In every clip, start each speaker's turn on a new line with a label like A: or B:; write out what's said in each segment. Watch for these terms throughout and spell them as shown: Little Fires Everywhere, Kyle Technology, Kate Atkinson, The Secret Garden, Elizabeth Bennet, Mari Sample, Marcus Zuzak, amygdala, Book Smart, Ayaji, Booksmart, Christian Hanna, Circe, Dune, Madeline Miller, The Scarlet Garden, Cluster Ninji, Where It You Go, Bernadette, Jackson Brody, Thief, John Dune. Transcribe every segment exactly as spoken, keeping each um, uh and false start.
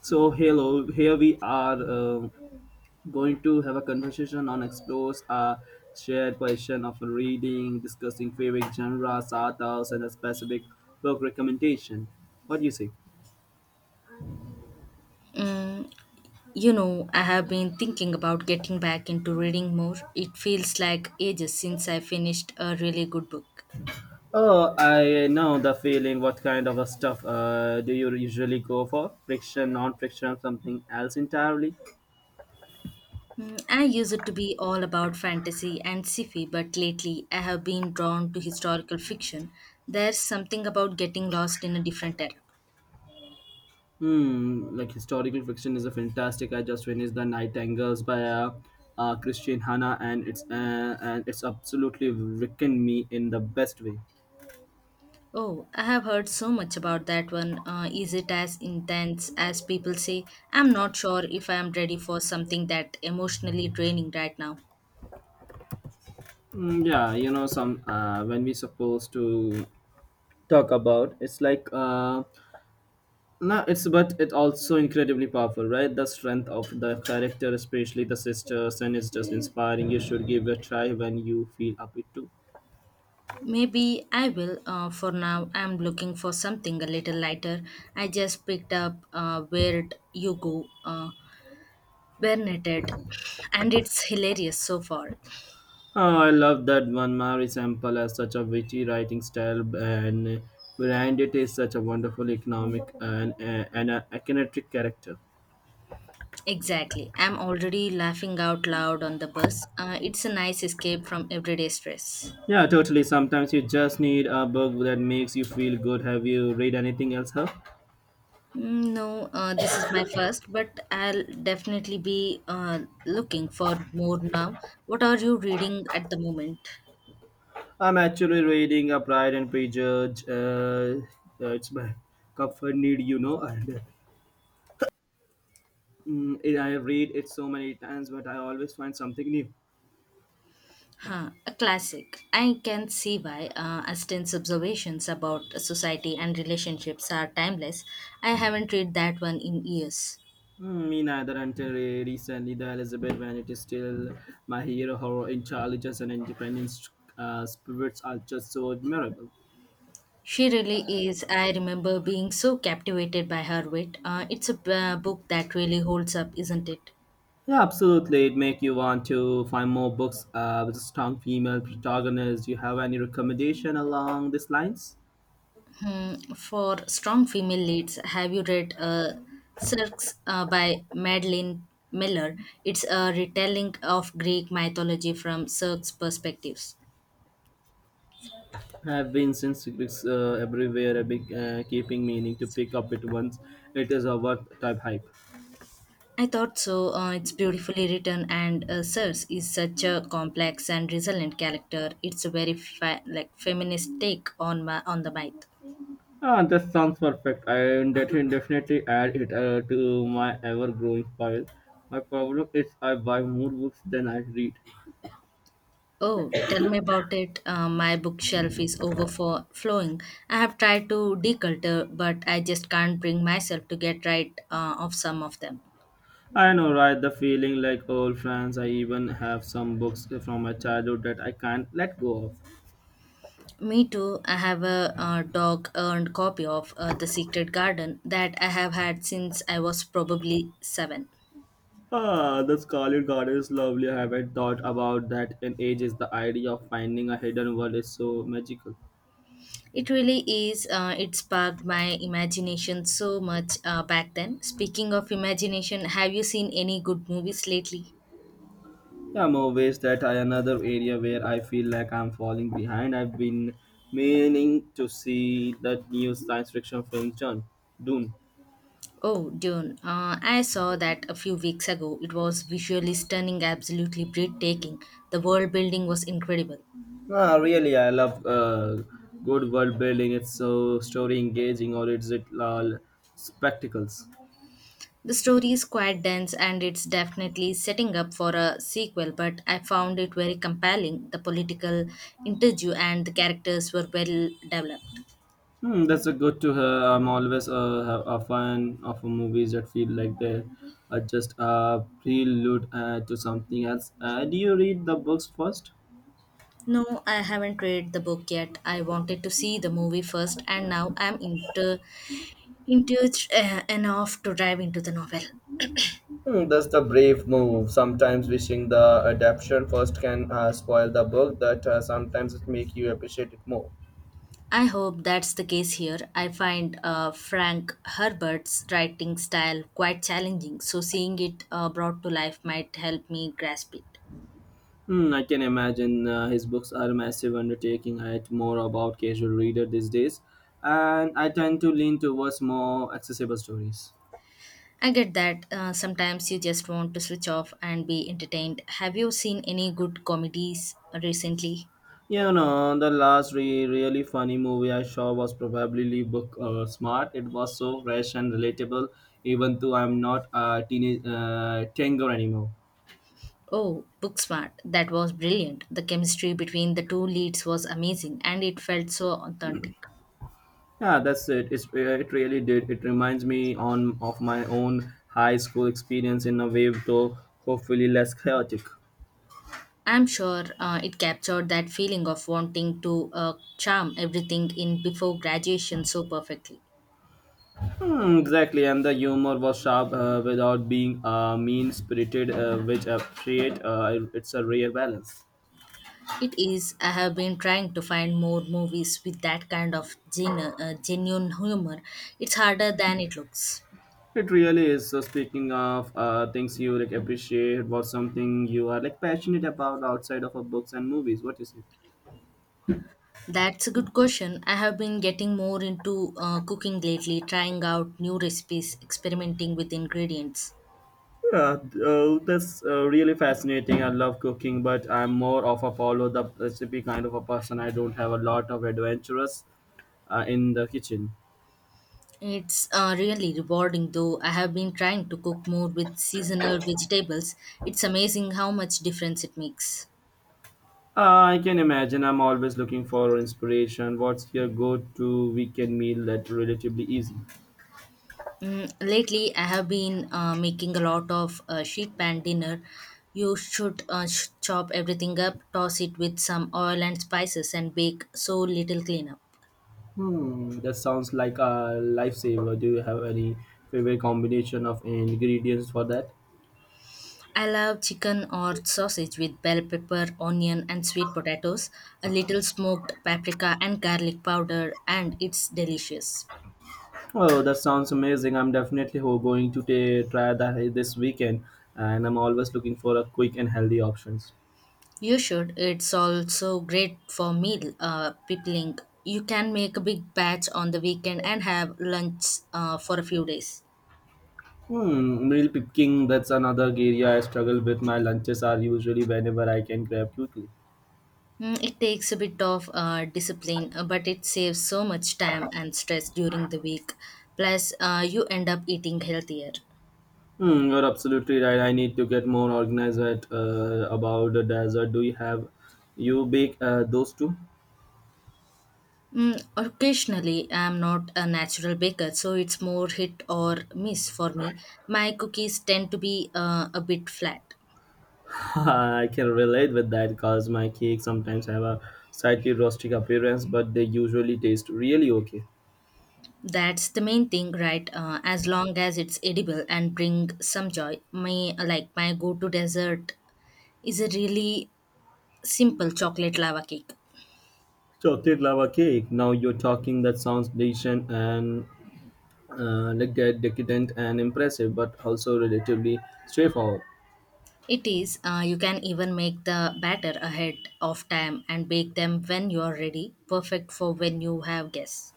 A: So, hello, here we are um going to have a conversation on explores a shared question of reading, discussing favorite genres, authors, and a specific book recommendation. What do you say?
B: Mm, you know, I have been thinking about getting back into reading more. It feels like ages since I finished a really good book.
A: Oh, I know the feeling. What kind of a stuff uh, do you usually go for? Friction, non-friction, something else entirely?
B: Mm, I used to be all about fantasy and sci-fi, but lately I have been drawn to historical fiction. There's something about getting lost in a different era.
A: Hmm, like historical fiction is a fantastic. I just finished The Nightingales by uh, uh, Christian Hanna, and it's uh, and it's absolutely written me in the best way.
B: Oh, I have heard so much about that one. Uh, is it as intense as people say? I'm not sure if I am ready for something that emotionally draining right now.
A: Mm, yeah, you know, some uh, when we supposed to talk about, it's like uh, no, it's but it also incredibly powerful, right? The strength of the character, especially the sisters, and it's just inspiring. You should give it a try when you feel up it too.
B: Maybe I will. Uh, for now, I'm looking for something a little lighter. I just picked up uh, Where It You Go, uh, Bernadette, and it's hilarious so far.
A: Oh, I love that one. Mari Sample has such a witty writing style, and behind it is such a wonderful economic and, uh, and a kinetic character.
B: Exactly. I'm already laughing out loud on the bus. Uh, it's a nice escape from everyday stress.
A: Yeah, totally. Sometimes you just need a book that makes you feel good. Have you read anything else, huh?
B: Mm, no, uh, this is my first, but I'll definitely be uh, looking for more now. What are you reading at the moment?
A: I'm actually reading a Pride and Prejudice. Uh, uh, it's my comfort need, you know, and mm, I read it so many times, but I always find something new.
B: Huh, a classic. I can see why uh, Aston's observations about society and relationships are timeless. I haven't read that one in years.
A: Mm, me neither until re- recently, the Elizabeth Bennet is still my hero. Her intelligence and independence uh, spirits are just so admirable.
B: She really is. I remember being so captivated by her wit. Uh, it's a uh, book that really holds up, isn't it?
A: Yeah, absolutely. It make you want to find more books uh, with a strong female protagonist. Do you have any recommendation along these lines?
B: Hmm, for strong female leads, have you read uh, Circe uh, by Madeline Miller? It's a retelling of Greek mythology from Circe's perspectives.
A: I've been since it's, uh, everywhere. I've been uh, keeping meaning to pick up it once. It is a what type hype.
B: I thought so. Uh, it's beautifully written, and uh, Sirs is such a complex and resilient character. It's a very fa- like feminist take on my on the myth.
A: Ah, that sounds perfect. I'll def- definitely add it uh, to my ever-growing pile. My problem is I buy more books than I read.
B: Oh, tell me about it. Uh, my bookshelf is overflowing. I have tried to declutter, but I just can't bring myself to get right uh, of some of them.
A: I know, right? The feeling like old friends. I even have some books from my childhood that I can't let go of.
B: Me too. I have a uh, dog earned copy of uh, The Secret Garden that I have had since I was probably seven.
A: Ah, the Scarlet Garden is lovely. I haven't thought about that in ages. The idea of finding a hidden world is so magical.
B: It really is. Uh, it sparked my imagination so much uh, back then. Speaking of imagination, have you seen any good movies lately?
A: Yeah, I'm always that I another area where I feel like I'm falling behind. I've been meaning to see that new science fiction film John Dune.
B: Oh, Dune. Uh, I saw that a few weeks ago. It was visually stunning, absolutely breathtaking. The world building was incredible.
A: Ah, really, I love uh, good world building. It's so story engaging, or is it all spectacles?
B: The story is quite dense and it's definitely setting up for a sequel, but I found it very compelling. The political interview and the characters were well developed.
A: Hmm, that's a good to her. I'm always a, a fan of movies that feel like they are just a prelude uh, to something else. Uh, do you read the books first?
B: No, I haven't read the book yet. I wanted to see the movie first, and now I'm inter- enthused uh, enough to dive into the novel.
A: Hmm, that's the brave move. Sometimes wishing the adaptation first can uh, spoil the book, that uh, sometimes it make you appreciate it more.
B: I hope that's the case here. I find uh, Frank Herbert's writing style quite challenging, so seeing it uh, brought to life might help me grasp it.
A: Hmm, I can imagine uh, his books are a massive undertaking. I write more about casual reader these days, and I tend to lean towards more accessible stories.
B: I get that uh, sometimes you just want to switch off and be entertained. Have you seen any good comedies recently?
A: You know, the last re- really funny movie I saw was probably Book uh, Smart. It was so fresh and relatable, even though I'm not a teenage uh, tango anymore.
B: Oh, Booksmart. That was brilliant. The chemistry between the two leads was amazing and it felt so authentic.
A: Yeah, that's it. It's, uh, it really did. It reminds me on of my own high school experience in a way, though hopefully less chaotic.
B: I'm sure uh, it captured that feeling of wanting to uh, charm everything in before graduation so perfectly.
A: Hmm, exactly, and the humor was sharp uh, without being uh, mean-spirited, uh, which I appreciate. Uh, it's a rare balance.
B: It is, I have been trying to find more movies with that kind of genu- uh, genuine humor. It's harder than it looks.
A: It really is. So speaking of uh, things you like appreciate, what's something you are like passionate about outside of uh, books and movies? What is it?
B: That's a good question. I have been getting more into uh, cooking lately, trying out new recipes, experimenting with ingredients.
A: Yeah, uh, that's uh, really fascinating. I love cooking, but I'm more of a follow the recipe kind of a person. I don't have a lot of adventurous uh, in the kitchen.
B: It's uh, really rewarding though. I have been trying to cook more with seasonal vegetables. It's amazing how much difference it makes.
A: Uh, I can imagine. I'm always looking for inspiration. What's your go-to weekend meal that relatively easy?
B: Mm, lately, I have been uh, making a lot of uh, sheet pan dinner. You should uh, sh- chop everything up, toss it with some oil and spices, and bake so little cleanup.
A: Hmm, that sounds like a lifesaver. Do you have any favorite combination of ingredients for that?
B: I love chicken or sausage with bell pepper, onion, and sweet potatoes, a little smoked paprika and garlic powder, and it's delicious.
A: Oh, that sounds amazing. I'm definitely ho- going to ta- try that this weekend, and I'm always looking for a quick and healthy options.
B: You should. It's also great for meal uh, peopling. You can make a big batch on the weekend and have lunch uh, for a few days.
A: Hmm, meal picking, that's another area I struggle with. My lunches are usually whenever I can grab quickly.
B: Mm, it takes a bit of uh, discipline, uh, but it saves so much time and stress during the week. Plus, uh, you end up eating healthier.
A: Hmm, you're absolutely right. I need to get more organized at, uh, about the dessert. Do you have you bake uh, those too?
B: Mm, occasionally, I'm not a natural baker, so it's more hit or miss for me. My cookies tend to be uh, a bit flat.
A: I can relate with that because my cakes sometimes have a slightly rustic appearance, but they usually taste really okay.
B: That's the main thing, right? Uh, as long as it's edible and bring some joy. My like my go-to dessert is a really simple chocolate lava cake.
A: Chocolate lava cake. Now you're talking. That sounds decent and uh, like that decadent and impressive, but also relatively straightforward.
B: It is. Uh, you can even make the batter ahead of time and bake them when you are ready. Perfect for when you have guests.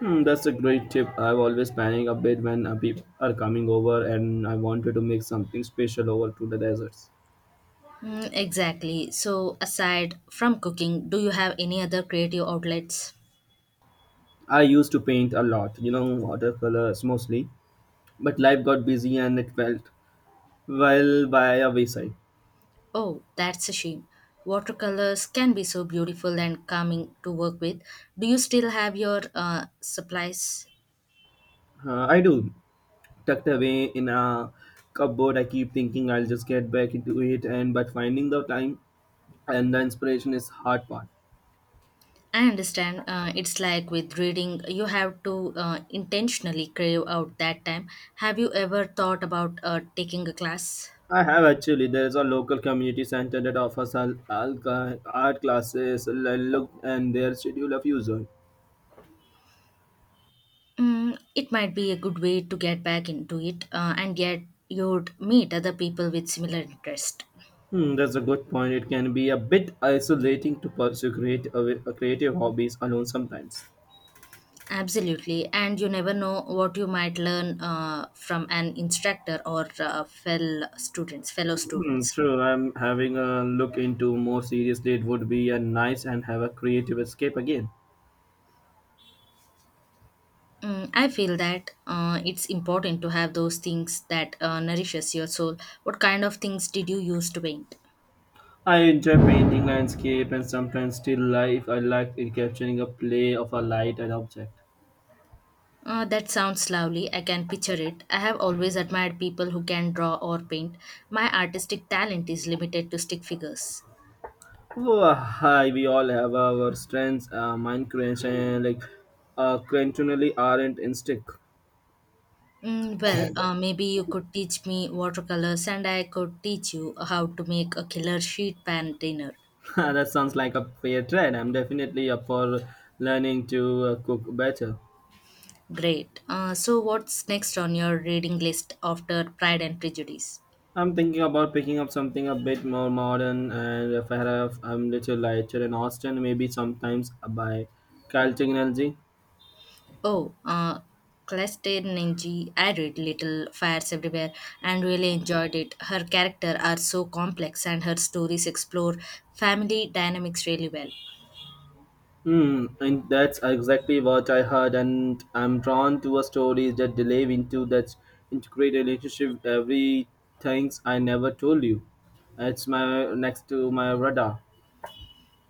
A: Hmm, that's a great tip. I've always panic a bit when uh, people are coming over, and I wanted to make something special over to the deserts.
B: Mm, exactly. So aside from cooking, do you have any other creative outlets?
A: I used to paint a lot, you know, watercolors mostly, but life got busy and it felt well by a wayside.
B: Oh, that's a shame. Watercolors can be so beautiful and calming to work with. Do you still have your uh, supplies?
A: Uh, I do tucked away in a cupboard. I keep thinking I'll just get back into it, and but finding the time and the inspiration is hard part.
B: I understand uh, it's like with reading, you have to uh, intentionally crave out that time. Have you ever thought about uh, taking a class?
A: I have actually. There is a local community center that offers al- alca- art classes. l- Look and their schedule of user.
B: Mm, it might be a good way to get back into it, uh, and yet you'd meet other people with similar interest.
A: Hmm, that's a good point. It can be a bit isolating to pursue create, uh, creative hobbies alone sometimes.
B: Absolutely, and you never know what you might learn uh, from an instructor or uh, fellow students, fellow
A: Hmm,
B: students.
A: true. I'm having a look into more seriously. It would be a nice and have a creative escape again.
B: Mm, I feel that uh, it's important to have those things that uh, nourishes your soul. What kind of things did you use to paint?
A: I enjoy painting landscape and sometimes still life. I like in capturing a play of a light and object.
B: Uh, that sounds lovely. I can picture it. I have always admired people who can draw or paint. My artistic talent is limited to stick figures.
A: Oh, hi, we all have our strengths. Uh, mine creation, like, uh, continually aren't in stick.
B: Mm, well, uh, maybe you could teach me watercolors and I could teach you how to make a killer sheet pan dinner.
A: that sounds like a fair trade. I'm definitely up for learning to uh, cook better.
B: Great. Uh, so, what's next on your reading list after Pride and Prejudice?
A: I'm thinking about picking up something a bit more modern, and if I have, I'm little lighter in Austin, maybe sometimes by Kyle Technology.
B: Oh, uh, Cluster Ninji. I read Little Fires Everywhere and really enjoyed it. Her characters are so complex and her stories explore family dynamics really well.
A: Hmm, and that's exactly what I heard, and I'm drawn to a story that delve into that integrated relationship, every things I never told you. It's my next to my radar.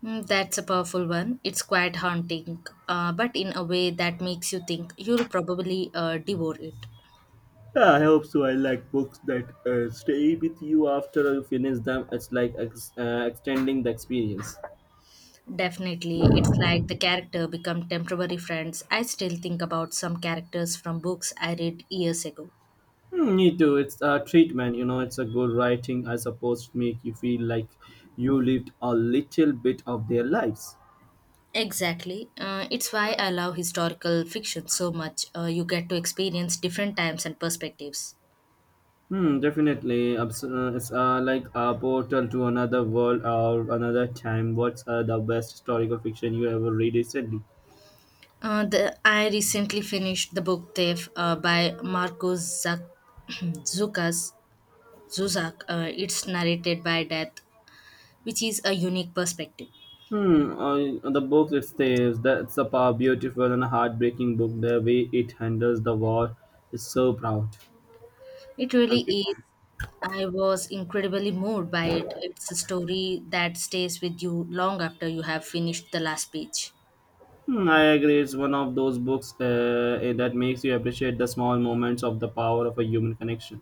B: Mm, that's a powerful one. It's quite haunting, uh, but in a way that makes you think you'll probably uh, devour it.
A: Yeah, I hope so. I like books that uh, stay with you after you finish them. It's like ex- uh, extending the experience.
B: Definitely, it's like the character become temporary friends. I still think about some characters from books I read years ago.
A: Hmm, me too. It's a treatment, you know. It's a good writing, I suppose, to make you feel like you lived a little bit of their lives.
B: Exactly. Uh, it's why I love historical fiction so much. Uh, you get to experience different times and perspectives.
A: Hmm, definitely. Abs- uh, It's uh, like a portal to another world or another time. What's uh, the best historical fiction you ever read recently?
B: Uh, the, I recently finished the book Thief uh, by Marcus Zuc- Zukas. Zuzak, uh, it's narrated by Death, which is a unique perspective.
A: Hmm, uh, the book it says that's a power, beautiful and heartbreaking book. The way it handles the war is so proud.
B: It really
A: Thank you.
B: is. I was incredibly moved by it. It's a story that stays with you long after you have finished the last page.
A: Hmm, I agree. It's one of those books uh, eh, that makes you appreciate the small moments of the power of a human connection.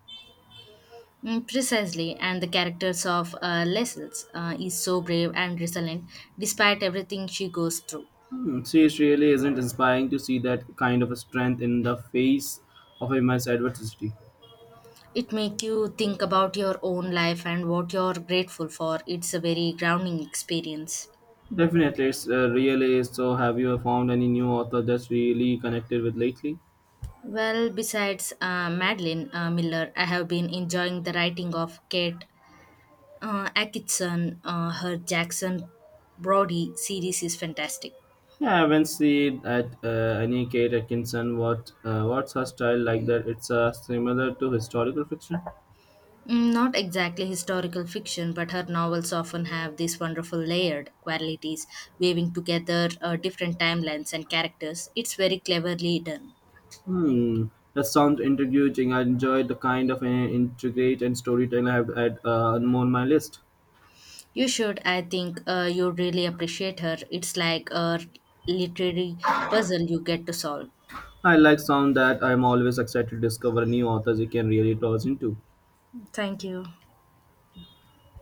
B: Mm, precisely, and the characters of uh, Lessels uh, is so brave and resilient despite everything she goes through.
A: Hmm, see, it really isn't inspiring to see that kind of a strength in the face of immense adversity.
B: It makes you think about your own life and what you're grateful for. It's a very grounding experience.
A: Definitely, it's uh, really is. So, have you found any new author that's really connected with lately?
B: Well, besides uh, Madeline uh, Miller, I have been enjoying the writing of Kate uh, Atkinson. Uh, her Jackson Brody series is fantastic.
A: Yeah, I haven't seen at uh, any Kate Atkinson. What uh, what's her style like? That it's uh, similar to historical fiction.
B: Mm, not exactly historical fiction, but her novels often have these wonderful layered qualities, weaving together uh, different timelines and characters. It's very cleverly done.
A: Hmm, that sounds intriguing. I enjoy the kind of uh, intricate and storytelling I have had uh, on my list.
B: You should, I think, uh, you really appreciate her. It's like a literary puzzle you get to solve.
A: I like sound that I'm always excited to discover new authors you can really toss into.
B: Thank you.